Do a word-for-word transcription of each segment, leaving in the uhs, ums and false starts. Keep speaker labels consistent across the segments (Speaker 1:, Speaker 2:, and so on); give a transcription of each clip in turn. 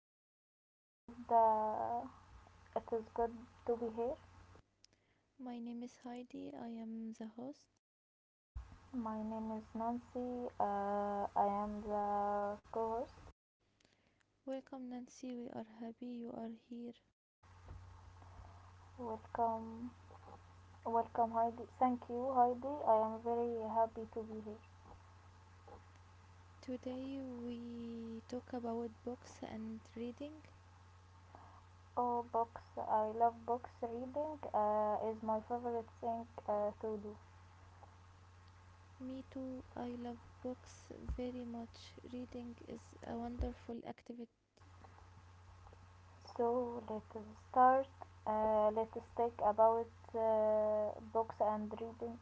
Speaker 1: Hello, it is good. Uh, it is good to be here.
Speaker 2: My name is Heidi. I am the host.
Speaker 1: My name is Nancy. Uh, I am the co-host.
Speaker 2: Welcome, Nancy. We are happy you are here.
Speaker 1: Welcome, welcome, Heidi. Thank you, Heidi. I am very happy to be here.
Speaker 2: Today we talk about books and reading.
Speaker 1: Oh, books! I love books. Reading uh, is my favorite thing uh, to do.
Speaker 2: Me too. I love books very much. Reading is a wonderful activity.
Speaker 1: So let's start. Uh, let's talk about uh, books and reading.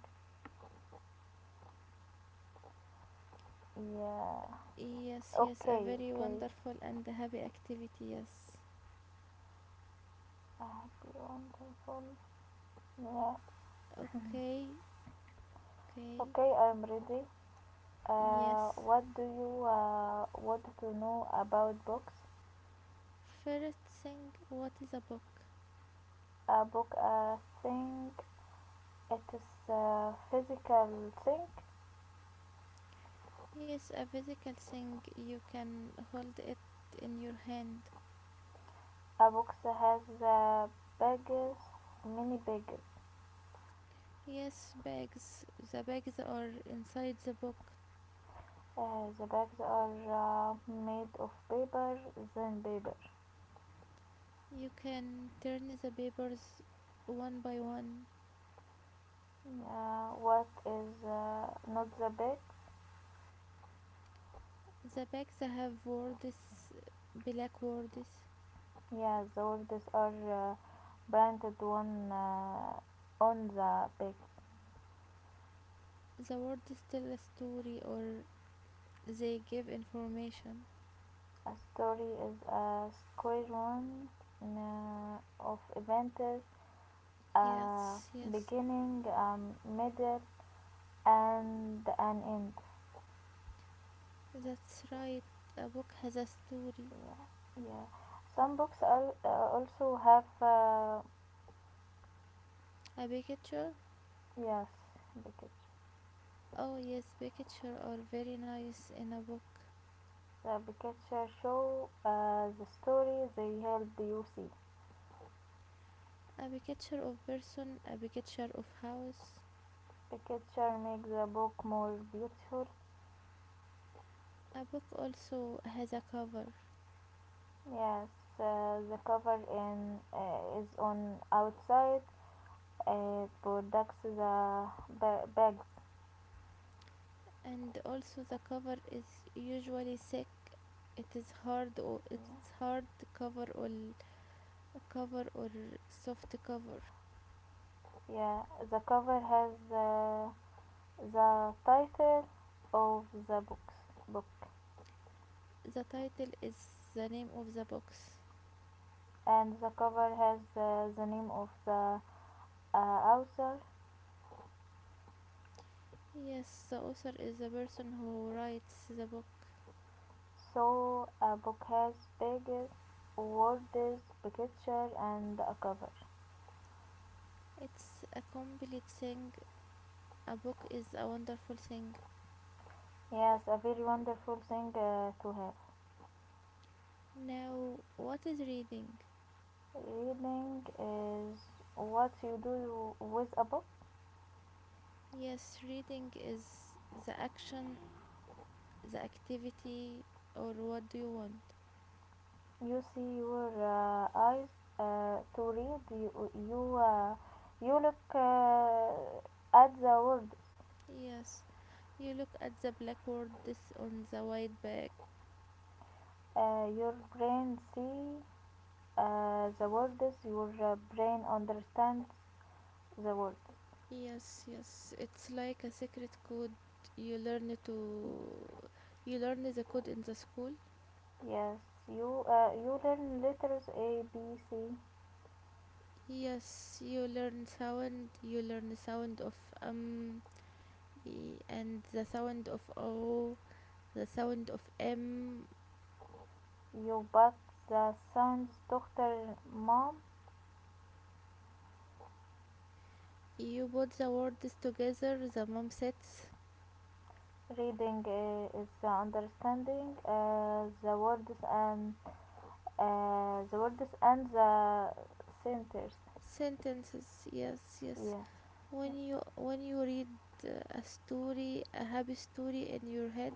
Speaker 1: Yeah.
Speaker 2: Yes, yes, a
Speaker 1: Okay.
Speaker 2: very
Speaker 1: Okay.
Speaker 2: wonderful and happy activity. Yes.
Speaker 1: I have the wonderful. Yeah.
Speaker 2: Okay, okay.
Speaker 1: Okay, I'm ready. Uh,
Speaker 2: Yes.
Speaker 1: what do you uh, want to know about books?
Speaker 2: First thing, what is a book?
Speaker 1: A book, a thing. It is a physical thing.
Speaker 2: Yes, a physical thing you can hold it in your hand.
Speaker 1: A book has the pages, many pages.
Speaker 2: Yes, bags. The bags are inside the book.
Speaker 1: Uh, the bags are uh, made of paper, thin paper.
Speaker 2: You can turn the papers one by one.
Speaker 1: Uh, what is uh, not the bag?
Speaker 2: The bags have words, black words.
Speaker 1: Yeah, the words are uh, branded one uh, on the back.
Speaker 2: The words tell a story or they give information.
Speaker 1: A story is a squadron uh, of events, a
Speaker 2: Yes, yes.
Speaker 1: beginning, a middle, and an end.
Speaker 2: That's right. A book has a story.
Speaker 1: Yeah, yeah. Some books al- uh, also have uh,
Speaker 2: A picture?
Speaker 1: yes, the picture.
Speaker 2: Oh, yes, pictures are very nice in a book.
Speaker 1: The picture show uh, the story, they help you see.
Speaker 2: A picture of person, a picture of house.
Speaker 1: The picture makes the book more beautiful.
Speaker 2: A book also has a cover,
Speaker 1: Yes, uh, the cover in uh, is on outside. It protects the ba- bags.
Speaker 2: and also the cover is usually thick. It is hard or it's hard cover or cover or soft cover.
Speaker 1: Yeah, the cover has uh, the title of the books book,
Speaker 2: The title is the name of the book.
Speaker 1: and the cover has uh, the name of the uh, author.
Speaker 2: Yes, the author is the person who writes the book.
Speaker 1: So a book has pages, words, picture, and a cover.
Speaker 2: It's a complete thing. A book is a wonderful thing.
Speaker 1: Yes, a very wonderful thing uh, to have.
Speaker 2: Now, what is reading?
Speaker 1: Reading is what you do with a book.
Speaker 2: Yes, reading is the action, the activity, or what do you want?
Speaker 1: You see your uh, eyes uh, to read. You you, uh, you look uh, at the words.
Speaker 2: Yes, you look at the black words on the white back.
Speaker 1: Uh, your brain see uh, the words. Your uh, brain understands the words.
Speaker 2: Yes, yes, it's like a secret code you learn to you learn the code in the school.
Speaker 1: Yes, you uh, you learn letters A B C
Speaker 2: Yes, you learn sound, you learn the sound of um y- and the sound of o, the sound of m.
Speaker 1: يوبتسان's daughter mom
Speaker 2: You put the words together, the mom sets
Speaker 1: reading uh, is uh, understanding uh, the words and uh, the words and the sentences.
Speaker 2: sentences, yes, yes, when you when you read uh, a story, a happy story in your head.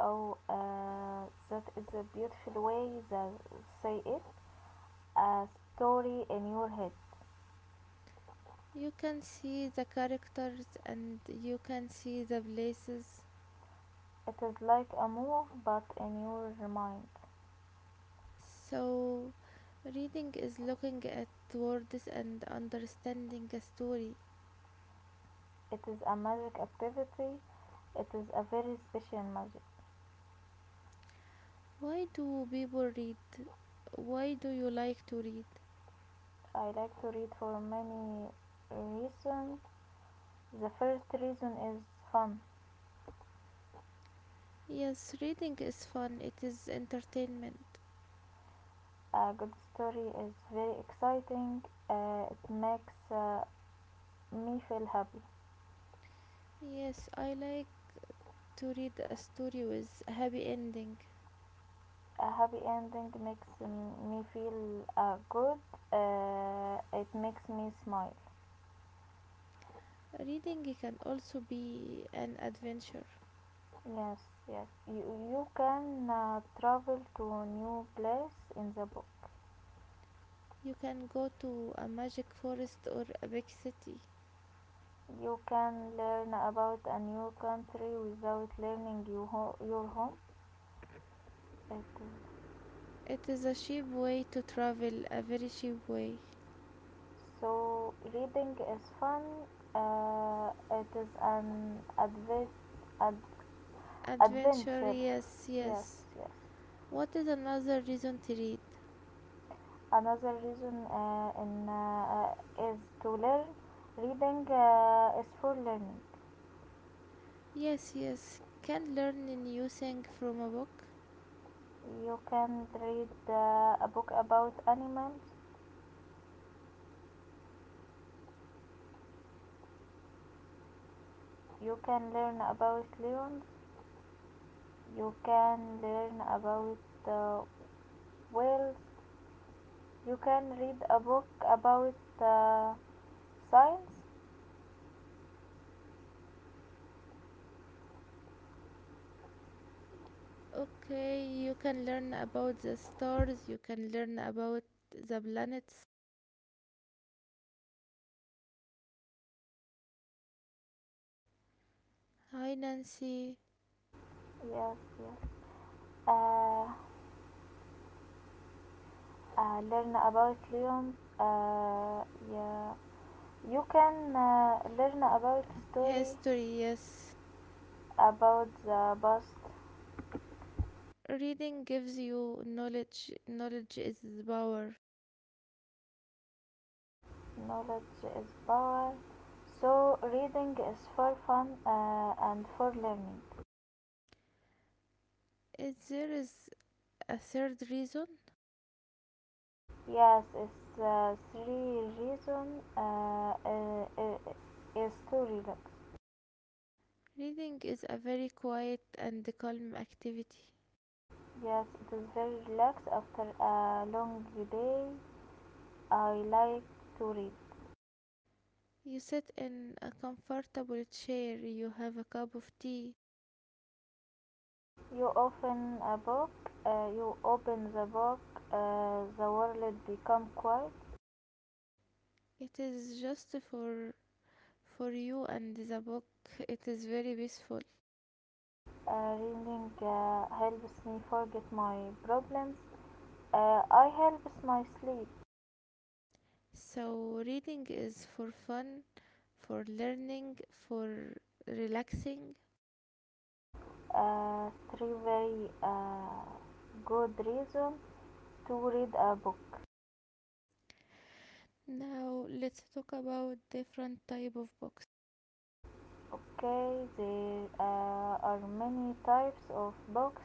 Speaker 1: Oh, uh, that is a beautiful way to say it, a story in your head.
Speaker 2: You can see the characters and you can see the places.
Speaker 1: It is like a move, but in your mind.
Speaker 2: So reading is looking at words and understanding a story.
Speaker 1: It is a magic activity. It is a very special magic.
Speaker 2: Why do people read? Why do you like to read?
Speaker 1: I like to read for many reasons. The first reason is fun.
Speaker 2: Yes, reading is fun. It is entertainment.
Speaker 1: A good story is very exciting. Uh, it makes uh, me feel happy.
Speaker 2: Yes, I like to read a story with a happy ending.
Speaker 1: A happy ending makes um, me feel uh, good. Uh, it makes me smile.
Speaker 2: Reading can also be an adventure.
Speaker 1: Yes, yes. You, you can uh, travel to a new place in the book.
Speaker 2: You can go to a magic forest or a big city.
Speaker 1: You can learn about a new country without learning you ho- your home. Okay.
Speaker 2: It is a cheap way to travel, a very cheap way.
Speaker 1: So reading is fun. Uh, it is an adve- ad-
Speaker 2: Adventure,
Speaker 1: adventure.
Speaker 2: yes,
Speaker 1: Yes,
Speaker 2: yes.
Speaker 1: yes.
Speaker 2: What is another reason to read?
Speaker 1: Another reason uh, in uh, uh, is to learn. Reading uh, is for learning.
Speaker 2: Yes, yes. Can learn a new thing from a book.
Speaker 1: You can read uh, a book about animals. You can learn about lions. You can learn about uh, whales. You can read a book about uh, science.
Speaker 2: Okay, you can learn about the stars, you can learn about the planets. Hi, Nancy.
Speaker 1: Yes, yes. uh, uh, Learn about lions, uh, yeah. You can uh, learn about story
Speaker 2: History, yes.
Speaker 1: about the past.
Speaker 2: Reading gives you knowledge. Knowledge is power.
Speaker 1: Knowledge is power, so reading is for fun uh, and for learning.
Speaker 2: Is there is a third reason?
Speaker 1: Yes, it's uh, three reason uh, uh, uh, is to relax.
Speaker 2: Reading is a very quiet and calm activity.
Speaker 1: Yes, it is very relaxed after a long day. I like to read.
Speaker 2: You sit in a comfortable chair, you have a cup of tea.
Speaker 1: You open a book, uh, you open the book. Uh, the world become quiet.
Speaker 2: It is just for for you and the book. It is very peaceful.
Speaker 1: Uh, reading uh, helps me forget my problems. Uh, I helps my sleep.
Speaker 2: So reading is for fun, for learning, for relaxing.
Speaker 1: Uh, Three very uh, good reason to read a book.
Speaker 2: Now let's talk about different type of books.
Speaker 1: Okay, there uh, are many types of books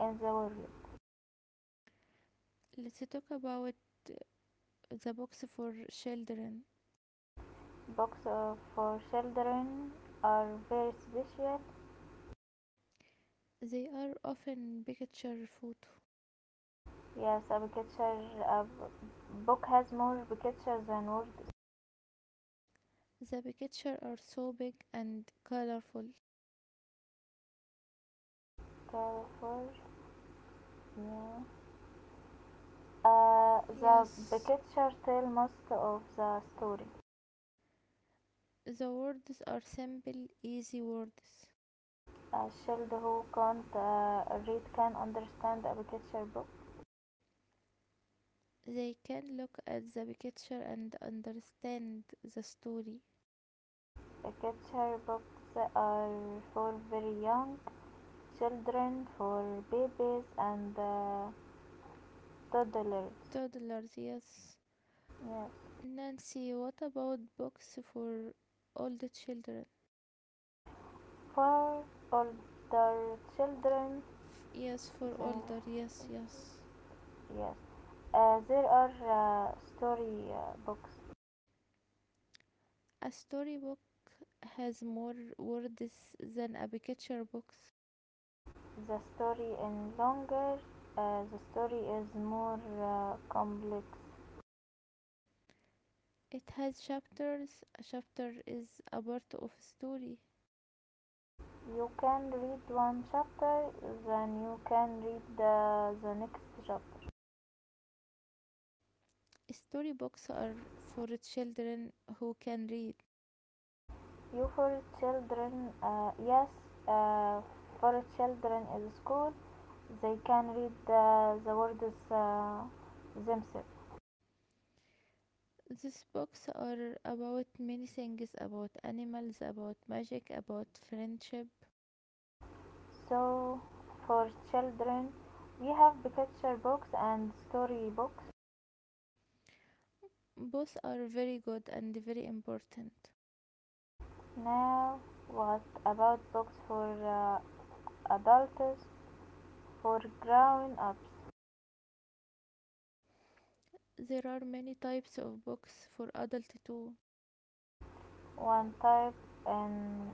Speaker 1: in the world.
Speaker 2: Let's talk about the box for children.
Speaker 1: Books uh, for children are very special.
Speaker 2: They are often picture photo.
Speaker 1: Yes, a picture a b- book has more pictures than word,
Speaker 2: The pictures are so big and colorful.
Speaker 1: therefore, yeah. Uh, the
Speaker 2: Yes,
Speaker 1: picture tell most of the story.
Speaker 2: okay, the words are simple, easy words.
Speaker 1: A child who can't uh, read can understand a picture book.
Speaker 2: They can look at the picture and understand the story.
Speaker 1: A picture books are for very young children, for babies and uh, toddlers.
Speaker 2: Toddlers, yes.
Speaker 1: Yes,
Speaker 2: Nancy, what about books for older children?
Speaker 1: for older children,
Speaker 2: F- yes, for
Speaker 1: the
Speaker 2: older, yes, yes.
Speaker 1: yes. Uh, there are uh, story uh, books.
Speaker 2: A storybook has more words than a picture book.
Speaker 1: The story is longer. Uh, the story is more uh, complex.
Speaker 2: It has chapters. A chapter is a part of a story.
Speaker 1: You can read one chapter, then you can read the, the next chapter.
Speaker 2: Storybooks are for children who can read.
Speaker 1: You for children, uh, yes. uh, for children in school, they can read the, the words uh, themselves.
Speaker 2: These books are about many things about animals, about magic, about friendship.
Speaker 1: So, for children, we have picture books and story books.
Speaker 2: Both are very good and very important.
Speaker 1: Now, what about books for uh, adults, for grown ups?
Speaker 2: There are many types of books for adults too.
Speaker 1: One type in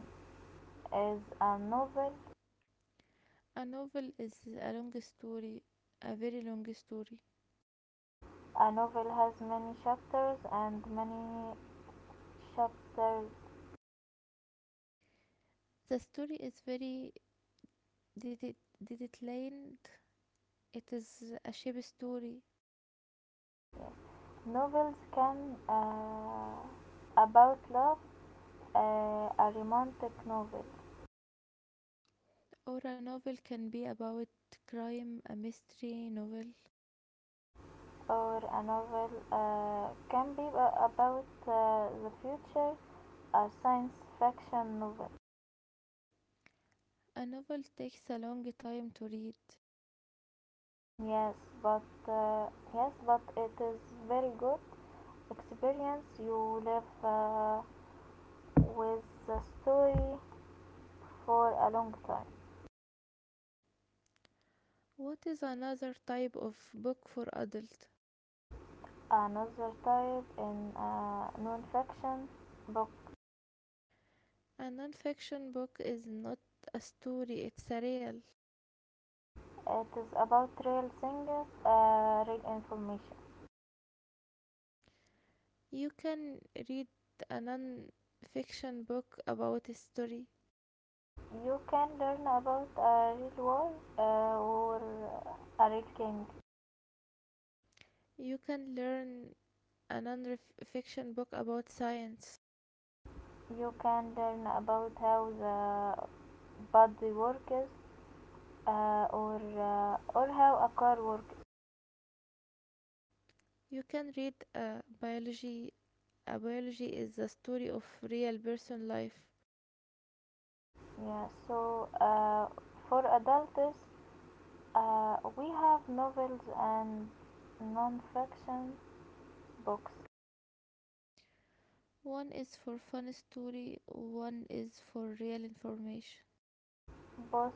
Speaker 1: is a novel.
Speaker 2: A novel is a long story, a very long story.
Speaker 1: A novel has many chapters and many chapters.
Speaker 2: The story is very did it land. It is a shape story,
Speaker 1: Yes. Novels can uh, about love, uh, a romantic novel,
Speaker 2: or a novel can be about crime, a mystery novel.
Speaker 1: or a novel uh, can be uh, about uh, the future, a science fiction novel.
Speaker 2: A novel takes a long time to read.
Speaker 1: Yes, but uh, yes, but it is very good experience. You live uh, with the story for a long time.
Speaker 2: What is another type of book for adult?
Speaker 1: Another type in uh, non-fiction book.
Speaker 2: A non-fiction book is not a story; it's a real.
Speaker 1: It is about real things, uh, real information.
Speaker 2: You can read a non-fiction book about history.
Speaker 1: You can learn about a real war, uh, or a real king.
Speaker 2: You can learn a non-fiction book about science.
Speaker 1: You can learn about how the body works, uh, or uh, or how a car works.
Speaker 2: You can read a biology. A biology is the story of real person life.
Speaker 1: Yeah. So uh, for adults, uh, we have novels and non-fiction books.
Speaker 2: One is for fun story, one is for real information.
Speaker 1: Both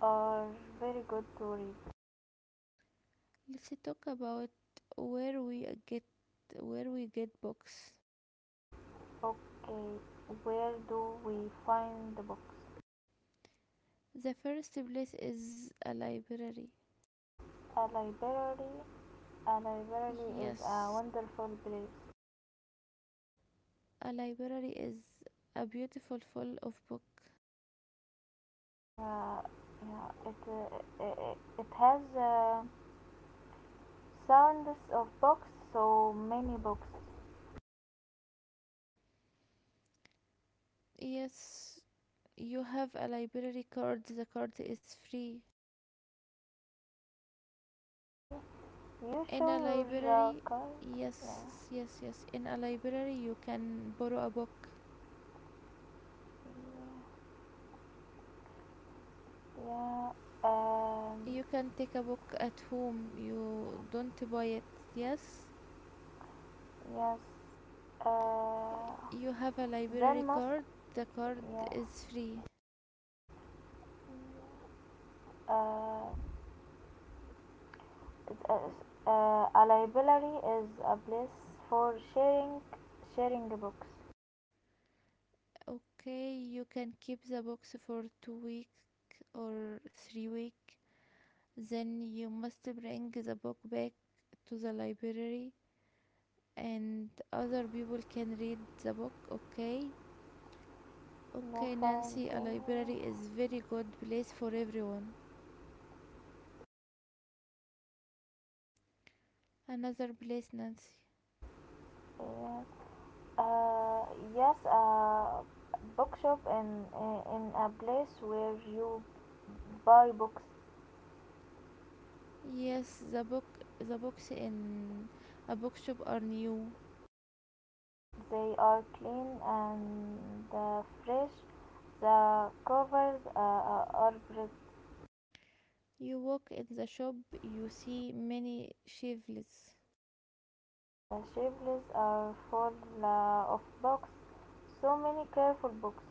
Speaker 1: are very good to read.
Speaker 2: Let's talk about where we get where we get books.
Speaker 1: Okay, where do we find the books?
Speaker 2: The first place is a library.
Speaker 1: A library. A library is a
Speaker 2: Yes,
Speaker 1: wonderful place.
Speaker 2: a library is a beautiful full of book.
Speaker 1: Yeah, yeah. It uh, it, it has uh, sounds of books, so many books.
Speaker 2: Yes, you have a library card. The card is free.
Speaker 1: You
Speaker 2: In a
Speaker 1: show your uh,
Speaker 2: library,
Speaker 1: card.
Speaker 2: yes,
Speaker 1: Yeah.
Speaker 2: yes, yes, in a library you can borrow a book.
Speaker 1: Yeah. Um.
Speaker 2: You can take a book at home. You don't buy it. Yes.
Speaker 1: Yes. Uh.
Speaker 2: You have a
Speaker 1: Then
Speaker 2: library
Speaker 1: must.
Speaker 2: card. The card
Speaker 1: Yeah.
Speaker 2: is free.
Speaker 1: Uh. th- uh, uh, a library is a place for sharing sharing books.
Speaker 2: Okay, you can keep the books for two week or three week, then you must bring the book back to the library, and other people can read the book. Okay.
Speaker 1: No
Speaker 2: Okay,
Speaker 1: found.
Speaker 2: Nancy, a
Speaker 1: Uh,
Speaker 2: library is very good place for everyone. Another place, Nancy.
Speaker 1: yes. Uh. Yes. Uh. Bookshop in uh, in a place where you buy books.
Speaker 2: Yes, the book the books in a bookshop are new.
Speaker 1: They are clean and uh, fresh. The covers uh, are brick.
Speaker 2: You walk in the shop, you see many shelves.
Speaker 1: The shelves are full uh, of books. So many careful books.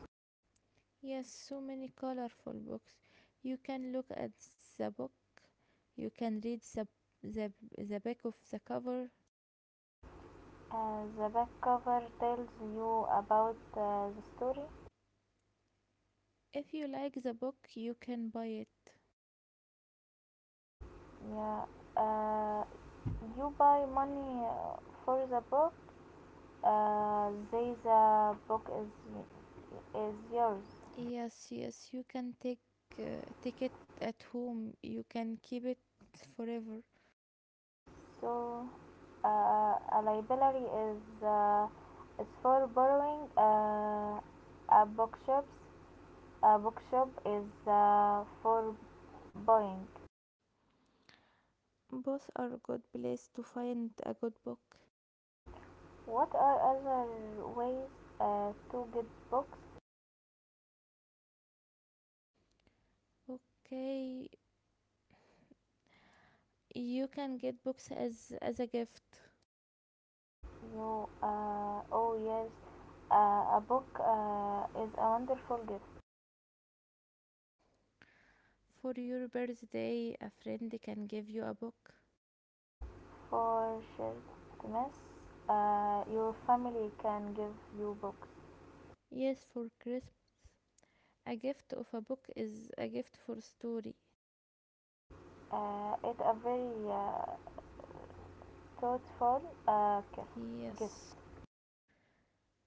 Speaker 2: Yes, so many colorful books. You can look at the book. You can read the the, the back of the cover.
Speaker 1: And the back cover tells you about uh, the story.
Speaker 2: If you like the book, you can buy it.
Speaker 1: Yeah. Uh, you buy money uh, for the book. Uh, they the book is is yours.
Speaker 2: Yes, yes, you can take uh, take it at home. You can keep it forever.
Speaker 1: So uh, a library is uh, is for borrowing. Uh, a bookshop A bookshop is uh, for buying.
Speaker 2: Both are a good place to find a good book.
Speaker 1: What are other ways uh, to get books?
Speaker 2: Okay, you can get books as as a gift
Speaker 1: You, uh, oh, yes, uh, a book uh, is a wonderful gift
Speaker 2: for your birthday. A friend can give you a book.
Speaker 1: for Christmas. Uh, your family can give you books.
Speaker 2: Yes, for Christmas. A gift of a book is a gift for story.
Speaker 1: Uh, it's a very uh, thoughtful uh, gift.
Speaker 2: Yes.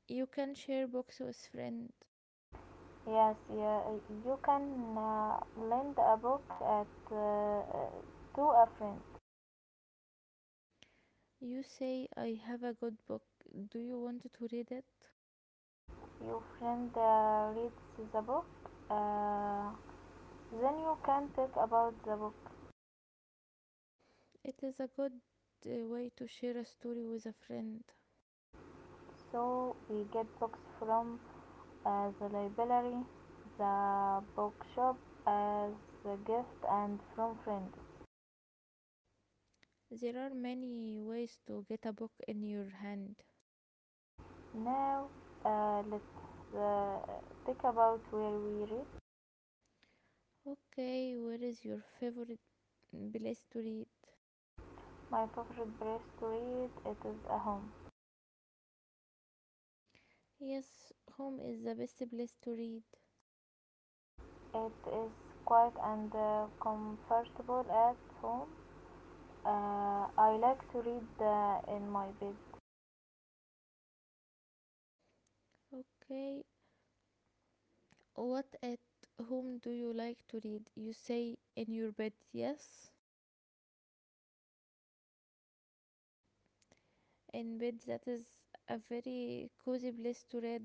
Speaker 2: You can share books with friend.
Speaker 1: Yes, yeah, you can uh, lend a book at, uh, uh, to a friend.
Speaker 2: You say I have a good book. Do you want to read it?
Speaker 1: Your friend uh, reads the book, uh, then you can talk about the book.
Speaker 2: It is a good uh, way to share a story with a friend.
Speaker 1: So we get books from uh, the library, the bookshop, as a gift, and from friends.
Speaker 2: There are many ways to get a book in your hand.
Speaker 1: Now uh, let's uh, talk about where we read.
Speaker 2: Okay, where is your favorite place to read?
Speaker 1: My favorite place to read it is a home.
Speaker 2: Yes, home is the best place to read.
Speaker 1: It is quiet and uh, comfortable at home. Uh, I like to read uh, in my bed.
Speaker 2: Okay, what at home do you like to read? You say in your bed, yes? In bed, that is a very cozy place to read.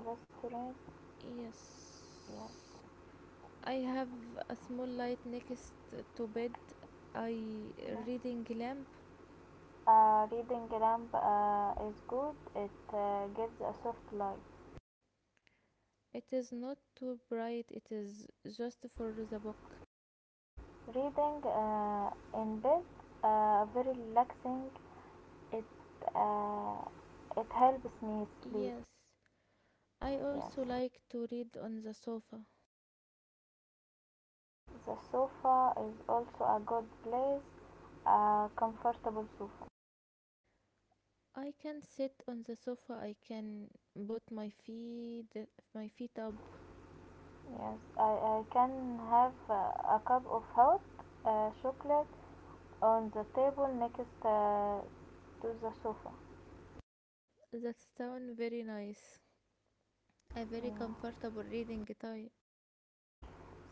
Speaker 1: Balustrade, yes,
Speaker 2: Yes. I have a small light next to bed. I
Speaker 1: yes.
Speaker 2: reading lamp.
Speaker 1: Uh, reading lamp uh, is good. It uh, gives a soft light.
Speaker 2: It is not too bright. It is just for the book.
Speaker 1: Reading uh, in bed, uh, very relaxing. It uh, it helps me sleep.
Speaker 2: Yes. I
Speaker 1: Yes,
Speaker 2: also like to read on the sofa.
Speaker 1: the sofa is also a good place. A comfortable sofa.
Speaker 2: I can sit on the sofa. I can put my feet my feet up.
Speaker 1: Yes, I, I can have uh, a cup of hot uh, chocolate on the table next uh, to the sofa.
Speaker 2: That sound very nice.
Speaker 1: Yeah.
Speaker 2: A very comfortable reading time.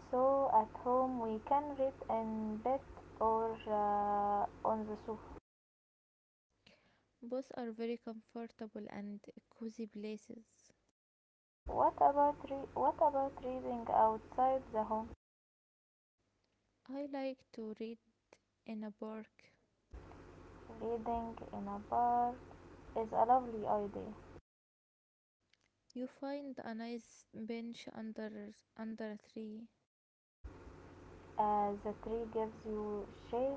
Speaker 1: So at home we can read in bed or uh, on the sofa.
Speaker 2: Both are very comfortable and cozy places.
Speaker 1: What about re- what about reading outside the home?
Speaker 2: I like to read in a park.
Speaker 1: Reading in a bar is a lovely idea.
Speaker 2: You find a nice bench under under a tree.
Speaker 1: Uh, the tree gives you shade.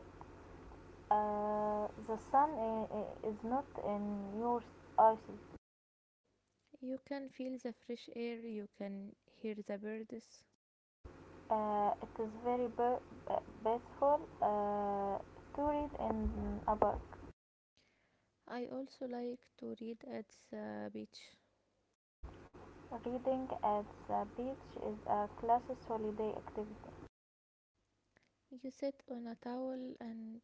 Speaker 1: Uh, the sun is not in your eyes.
Speaker 2: You can feel the fresh air, you can hear the birds.
Speaker 1: Uh, it is very be- beautiful uh, to read in a park.
Speaker 2: I also like to read at the beach.
Speaker 1: Reading at the beach is a classic holiday activity.
Speaker 2: You sit on a towel and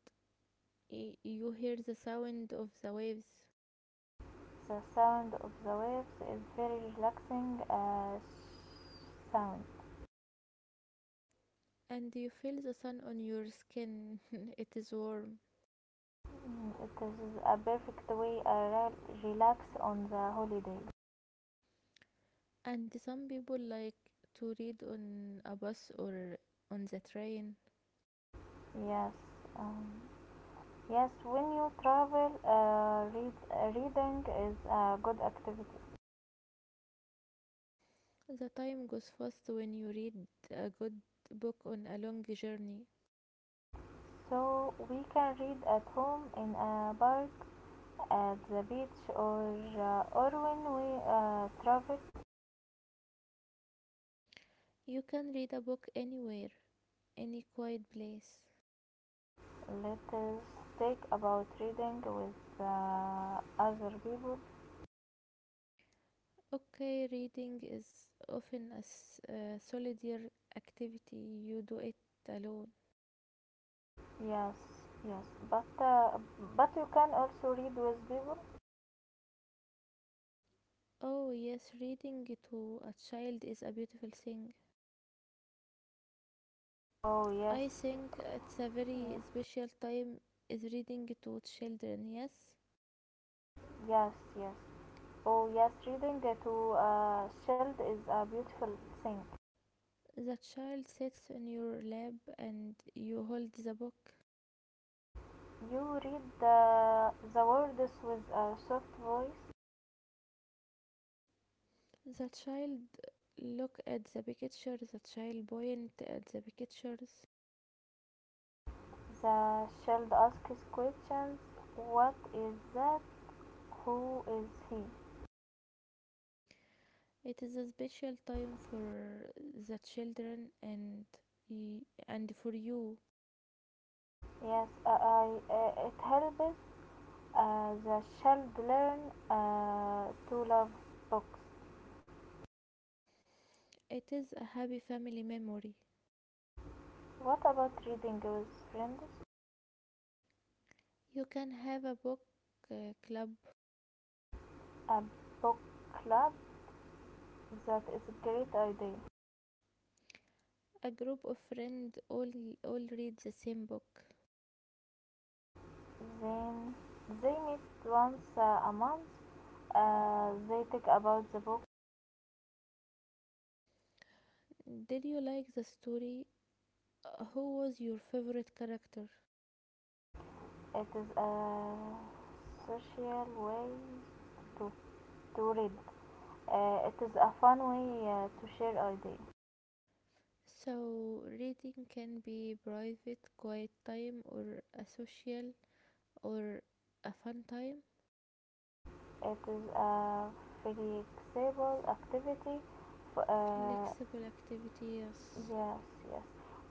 Speaker 2: you hear the sound of the waves,
Speaker 1: The sound of the waves is very relaxing uh, sound.
Speaker 2: and you feel the sun on your skin. It is warm.
Speaker 1: Mm, It is a perfect way to relax on the holiday.
Speaker 2: And some people like to read on a bus or on the train.
Speaker 1: Yes. Um, yes, when you travel, uh, read, uh, reading is a good activity.
Speaker 2: The time goes fast when you read a good book on a long journey.
Speaker 1: So we can read at home, in a park, at the beach, or uh, or when we uh, travel.
Speaker 2: You can read a book anywhere, any quiet place.
Speaker 1: Let us take about reading with uh, other people.
Speaker 2: Okay, reading is often a s- a solitary activity. You do it alone.
Speaker 1: Yes, yes, but uh, but you can also read with people.
Speaker 2: Oh, yes, reading to a child is a beautiful thing.
Speaker 1: Oh, yes,
Speaker 2: I think it's a very
Speaker 1: uh,
Speaker 2: special time is reading to children, yes?
Speaker 1: yes, yes. Oh, yes, reading uh, to a child is a beautiful thing.
Speaker 2: The child sits on your lap and you hold the book.
Speaker 1: You read the the words with a soft voice.
Speaker 2: The child look at the picture, the child point at the pictures.
Speaker 1: The child asks questions. What is that? Who is he?
Speaker 2: It is a special time for the children and y- and for you.
Speaker 1: Yes, I, I uh, it helps uh, the child learn uh, to love books.
Speaker 2: It is a happy family memory.
Speaker 1: What about reading with friends?
Speaker 2: You can have a book uh, club.
Speaker 1: A book club? That is a great idea.
Speaker 2: A group of friends all all read the same book.
Speaker 1: Then they meet once uh, a month. Uh, they talk about the book.
Speaker 2: Did you like the story? Uh, Who was your favorite character?
Speaker 1: It is a social way to, to read. Uh, it is a fun way uh, to share ideas.
Speaker 2: So reading can be private, quiet time, or a social or a fun time.
Speaker 1: It is a flexible
Speaker 2: F-
Speaker 1: activity. F- uh,
Speaker 2: flexible activity, yes.
Speaker 1: yes, yes.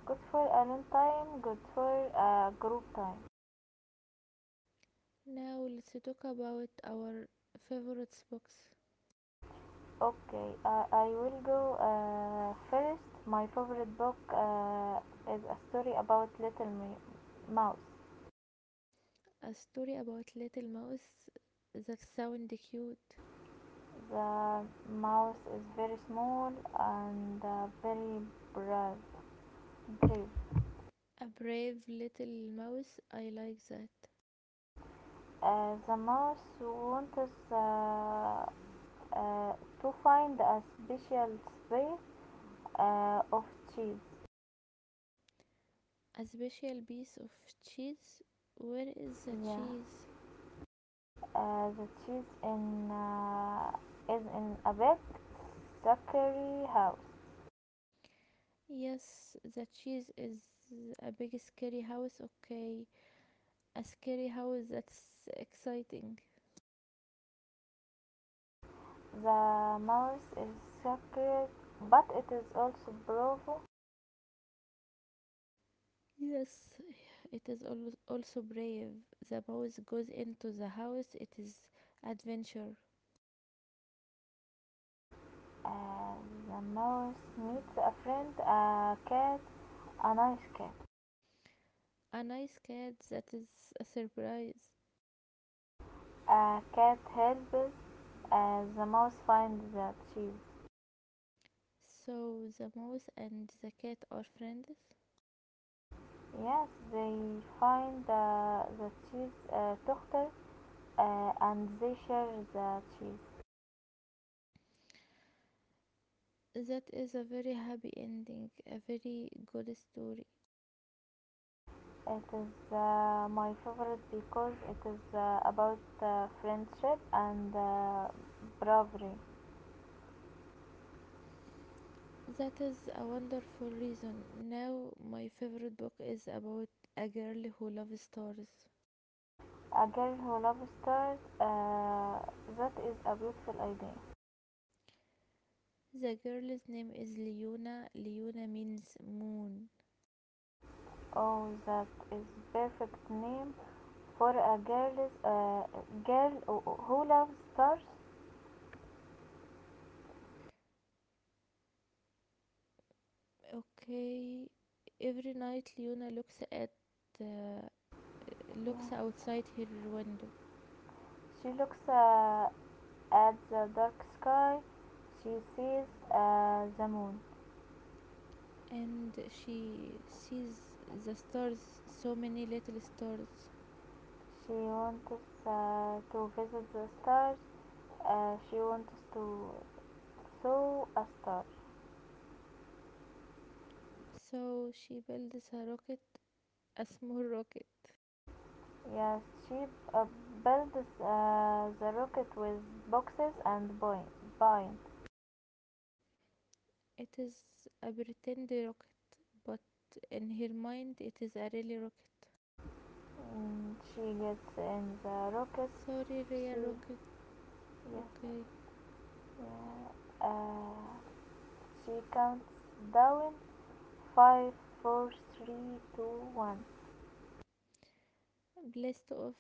Speaker 1: Good for alone time, good for uh, group time.
Speaker 2: Now let's talk about our favorite books.
Speaker 1: Okay. Uh, I will go uh, first. My favorite book uh, is a story about Little Mi- Mouse.
Speaker 2: A story about little mouse, that sound cute.
Speaker 1: The mouse is very small and uh, very brave. brave.
Speaker 2: A brave little mouse, I like that.
Speaker 1: Uh, the mouse wants uh, uh, to find a special space uh, of cheese.
Speaker 2: A special piece of cheese. Where is the
Speaker 1: Yeah,
Speaker 2: cheese?
Speaker 1: uh, the cheese in uh, is in a big, sugary house.
Speaker 2: Yes, the cheese is a big scary house, okay. A scary house, that's exciting.
Speaker 1: The mouth is sacred, but it is also bravo.
Speaker 2: Yes, it is al- also brave. The mouse goes into the house, it is adventure.
Speaker 1: Uh, the mouse meets a friend, a cat, a nice cat.
Speaker 2: A nice cat, that is a surprise.
Speaker 1: A cat helps uh, the mouse find the cheese.
Speaker 2: So the mouse and the cat are friends.
Speaker 1: Yes, they find uh, the cheese uh, doctor uh, and they share the cheese.
Speaker 2: That is a very happy ending, a very good story.
Speaker 1: It is uh, my favorite because it is uh, about uh, friendship and uh, bravery.
Speaker 2: That is a wonderful reason. Now my favorite book is about a girl who loves stars.
Speaker 1: A girl who loves stars. Uh, that is a beautiful idea.
Speaker 2: The girl's name is Leona. Leona means moon.
Speaker 1: Oh, that is perfect name for a girl. Uh, girl who- loves stars.
Speaker 2: Okay. Every night Leona looks at uh, looks
Speaker 1: Yeah.
Speaker 2: outside her window.
Speaker 1: She looks uh, at the dark sky. She sees uh, the moon.
Speaker 2: And she sees the stars, so many little stars.
Speaker 1: She wants uh, to visit the stars. Uh, she wants to saw a star.
Speaker 2: So she builds a rocket, a small rocket.
Speaker 1: Yes, she uh, builds uh, the rocket with boxes and buoy- buoy.
Speaker 2: It is a pretend rocket, but in her mind it is a really rocket.
Speaker 1: Mm, she gets in the rocket.
Speaker 2: Sorry,
Speaker 1: She
Speaker 2: real rocket.
Speaker 1: Yes,
Speaker 2: Okay.
Speaker 1: yeah. Uh, she counts down five, four, three, two, one.
Speaker 2: Blast off,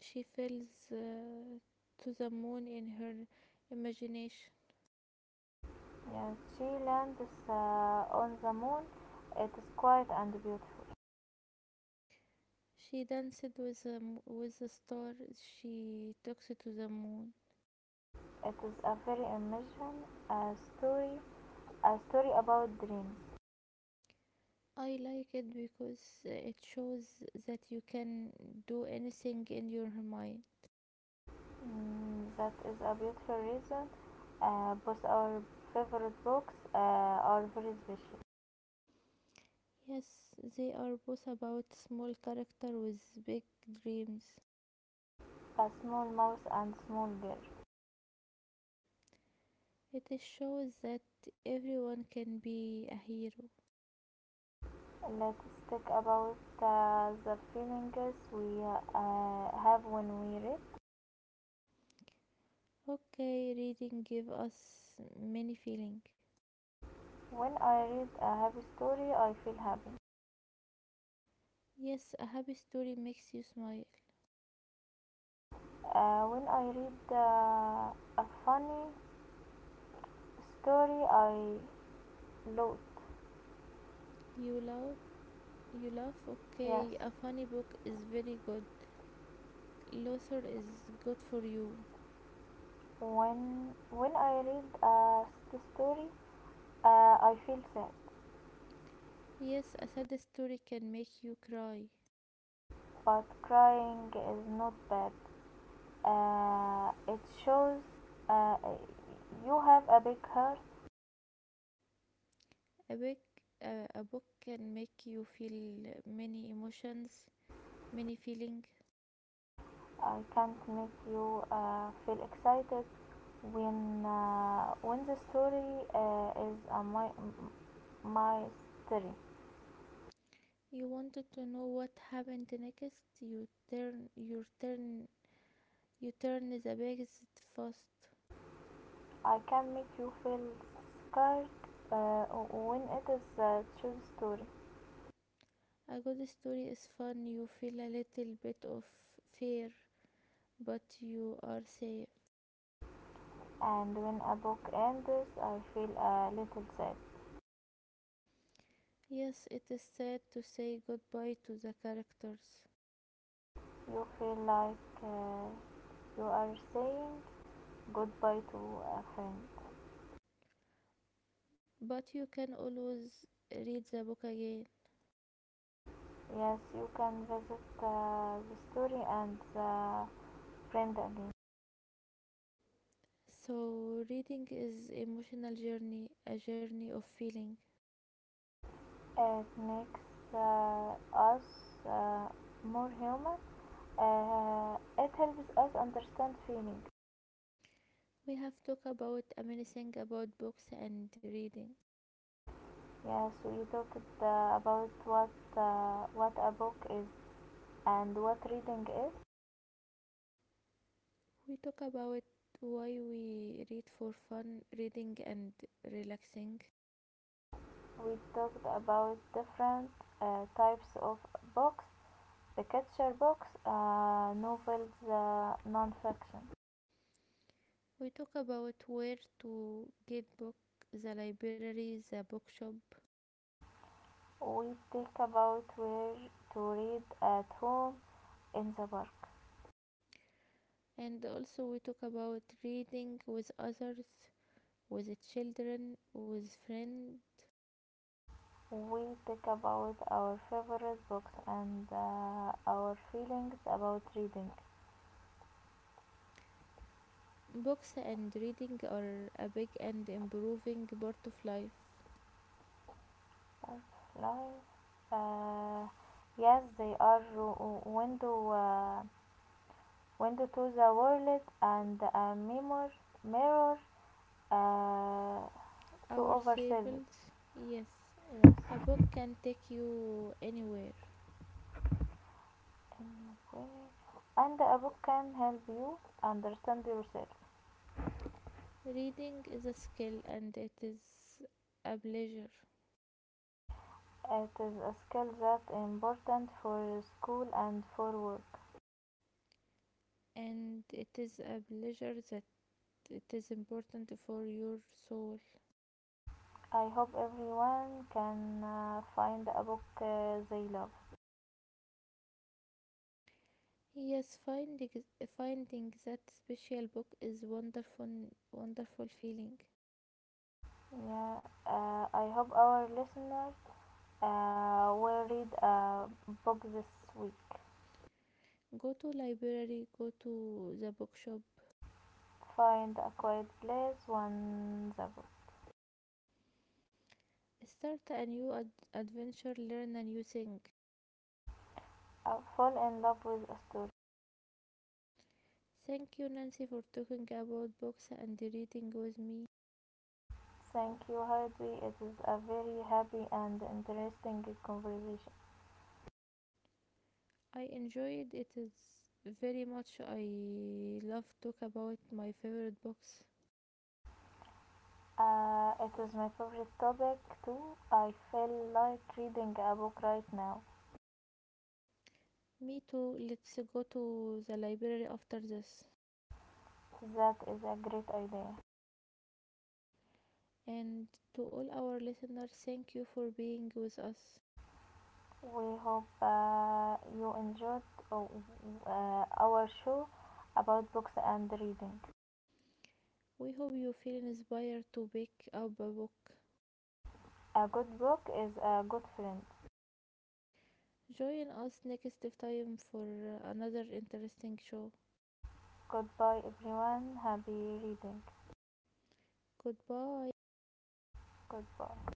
Speaker 2: she falls uh, to the moon in her imagination.
Speaker 1: Yes, she lands uh, on the moon. It is quiet and beautiful.
Speaker 2: She danced with a, with a star. She talks to the moon.
Speaker 1: It is a very amazing a story, a story about dreams.
Speaker 2: I like it because it shows that you can do anything in your mind.
Speaker 1: Mm, that is a beautiful reason. Uh, both our favorite books uh, are very special.
Speaker 2: Yes, they are both about small character with big dreams.
Speaker 1: A small mouse and small girl.
Speaker 2: It shows that everyone can be a hero.
Speaker 1: Let's talk about uh, the feelings we uh, have when we read.
Speaker 2: Okay, reading give us many feeling.
Speaker 1: When I read a happy story, I feel happy.
Speaker 2: Yes, a happy story makes you smile.
Speaker 1: Uh, when I read uh, a funny story, I laugh.
Speaker 2: You laugh, you laugh.
Speaker 1: Yes.
Speaker 2: Okay, a funny book is very good. Lothar is good for you.
Speaker 1: When when I read a sad story, uh, I feel sad.
Speaker 2: Yes, a sad story can make you cry.
Speaker 1: But crying is not bad. Uh, it shows uh, you have a big heart.
Speaker 2: A book, uh, a book can make you feel many emotions, many feeling.
Speaker 1: I can't make you uh, feel excited when uh, when the story uh, is a my my story.
Speaker 2: You wanted to know what happened next. You turn, you turn, you turn the pages fast.
Speaker 1: I can make you feel scared uh, when it is a true story,
Speaker 2: A good story is fun. You feel a little bit of fear, but you are safe.
Speaker 1: and when a book ends, I feel a little sad.
Speaker 2: Yes, it is sad to say goodbye to the characters,
Speaker 1: You feel like uh, you are saying goodbye to a friend.
Speaker 2: but you can always read the book again.
Speaker 1: Yes, you can visit uh, the story and the friend again.
Speaker 2: So, reading is emotional journey, a journey of feeling.
Speaker 1: It makes uh, us uh, more human. Uh, it helps us understand feeling.
Speaker 2: We have talked about amazing about books and reading.
Speaker 1: Yes, we talked uh, about what uh, what a book is and what reading is.
Speaker 2: We talk about why we read for fun, reading and relaxing.
Speaker 1: We talked about different uh, types of books: picture books, uh, novels, uh, non-fiction.
Speaker 2: We talk about where to get book, the library, the bookshop,
Speaker 1: We talk about where to read at home, in the park.
Speaker 2: and also we talk about reading with others, with children, with friends.
Speaker 1: We talk about our favorite books and uh, our feelings about reading.
Speaker 2: Books and reading are a big and improving part of life.
Speaker 1: Life, uh, yes, they are ro- window uh, window to the world and a mirror mirror uh, to ourselves.
Speaker 2: Ourselves. Yes,
Speaker 1: Yes.
Speaker 2: a book can take you anywhere.
Speaker 1: Anyway, and a book can help you understand yourself.
Speaker 2: Reading is a skill and it is a pleasure.
Speaker 1: It is a skill that important for school and for work.
Speaker 2: And it is a pleasure that it is important for your soul.
Speaker 1: I hope everyone can uh, find a book uh, they love.
Speaker 2: Yes, finding finding that special book is wonderful, wonderful feeling.
Speaker 1: Yeah, uh, I hope our listeners uh, will read a book this week.
Speaker 2: Go to library, go to the bookshop,
Speaker 1: Find a quiet place, one the book.
Speaker 2: start a new ad- adventure, learn a new thing.
Speaker 1: Uh, fall in love with a story.
Speaker 2: Thank you, Nancy, for talking about books and reading with me.
Speaker 1: Thank you, Heidi. It is a very happy and interesting conversation.
Speaker 2: I enjoyed it is very much. I love talk about my favorite books.
Speaker 1: Uh, it is my favorite topic too. I feel like reading a book right now.
Speaker 2: Me too. Let's go to the library after this.
Speaker 1: That is a great idea.
Speaker 2: And to all our listeners, thank you for being with us.
Speaker 1: We hope uh, you enjoyed uh, our show about books and reading.
Speaker 2: We hope you feel inspired to pick up a book.
Speaker 1: A good book is a good friend.
Speaker 2: Join us next time for another interesting show.
Speaker 1: Goodbye, everyone. Happy reading.
Speaker 2: Goodbye.
Speaker 1: Goodbye.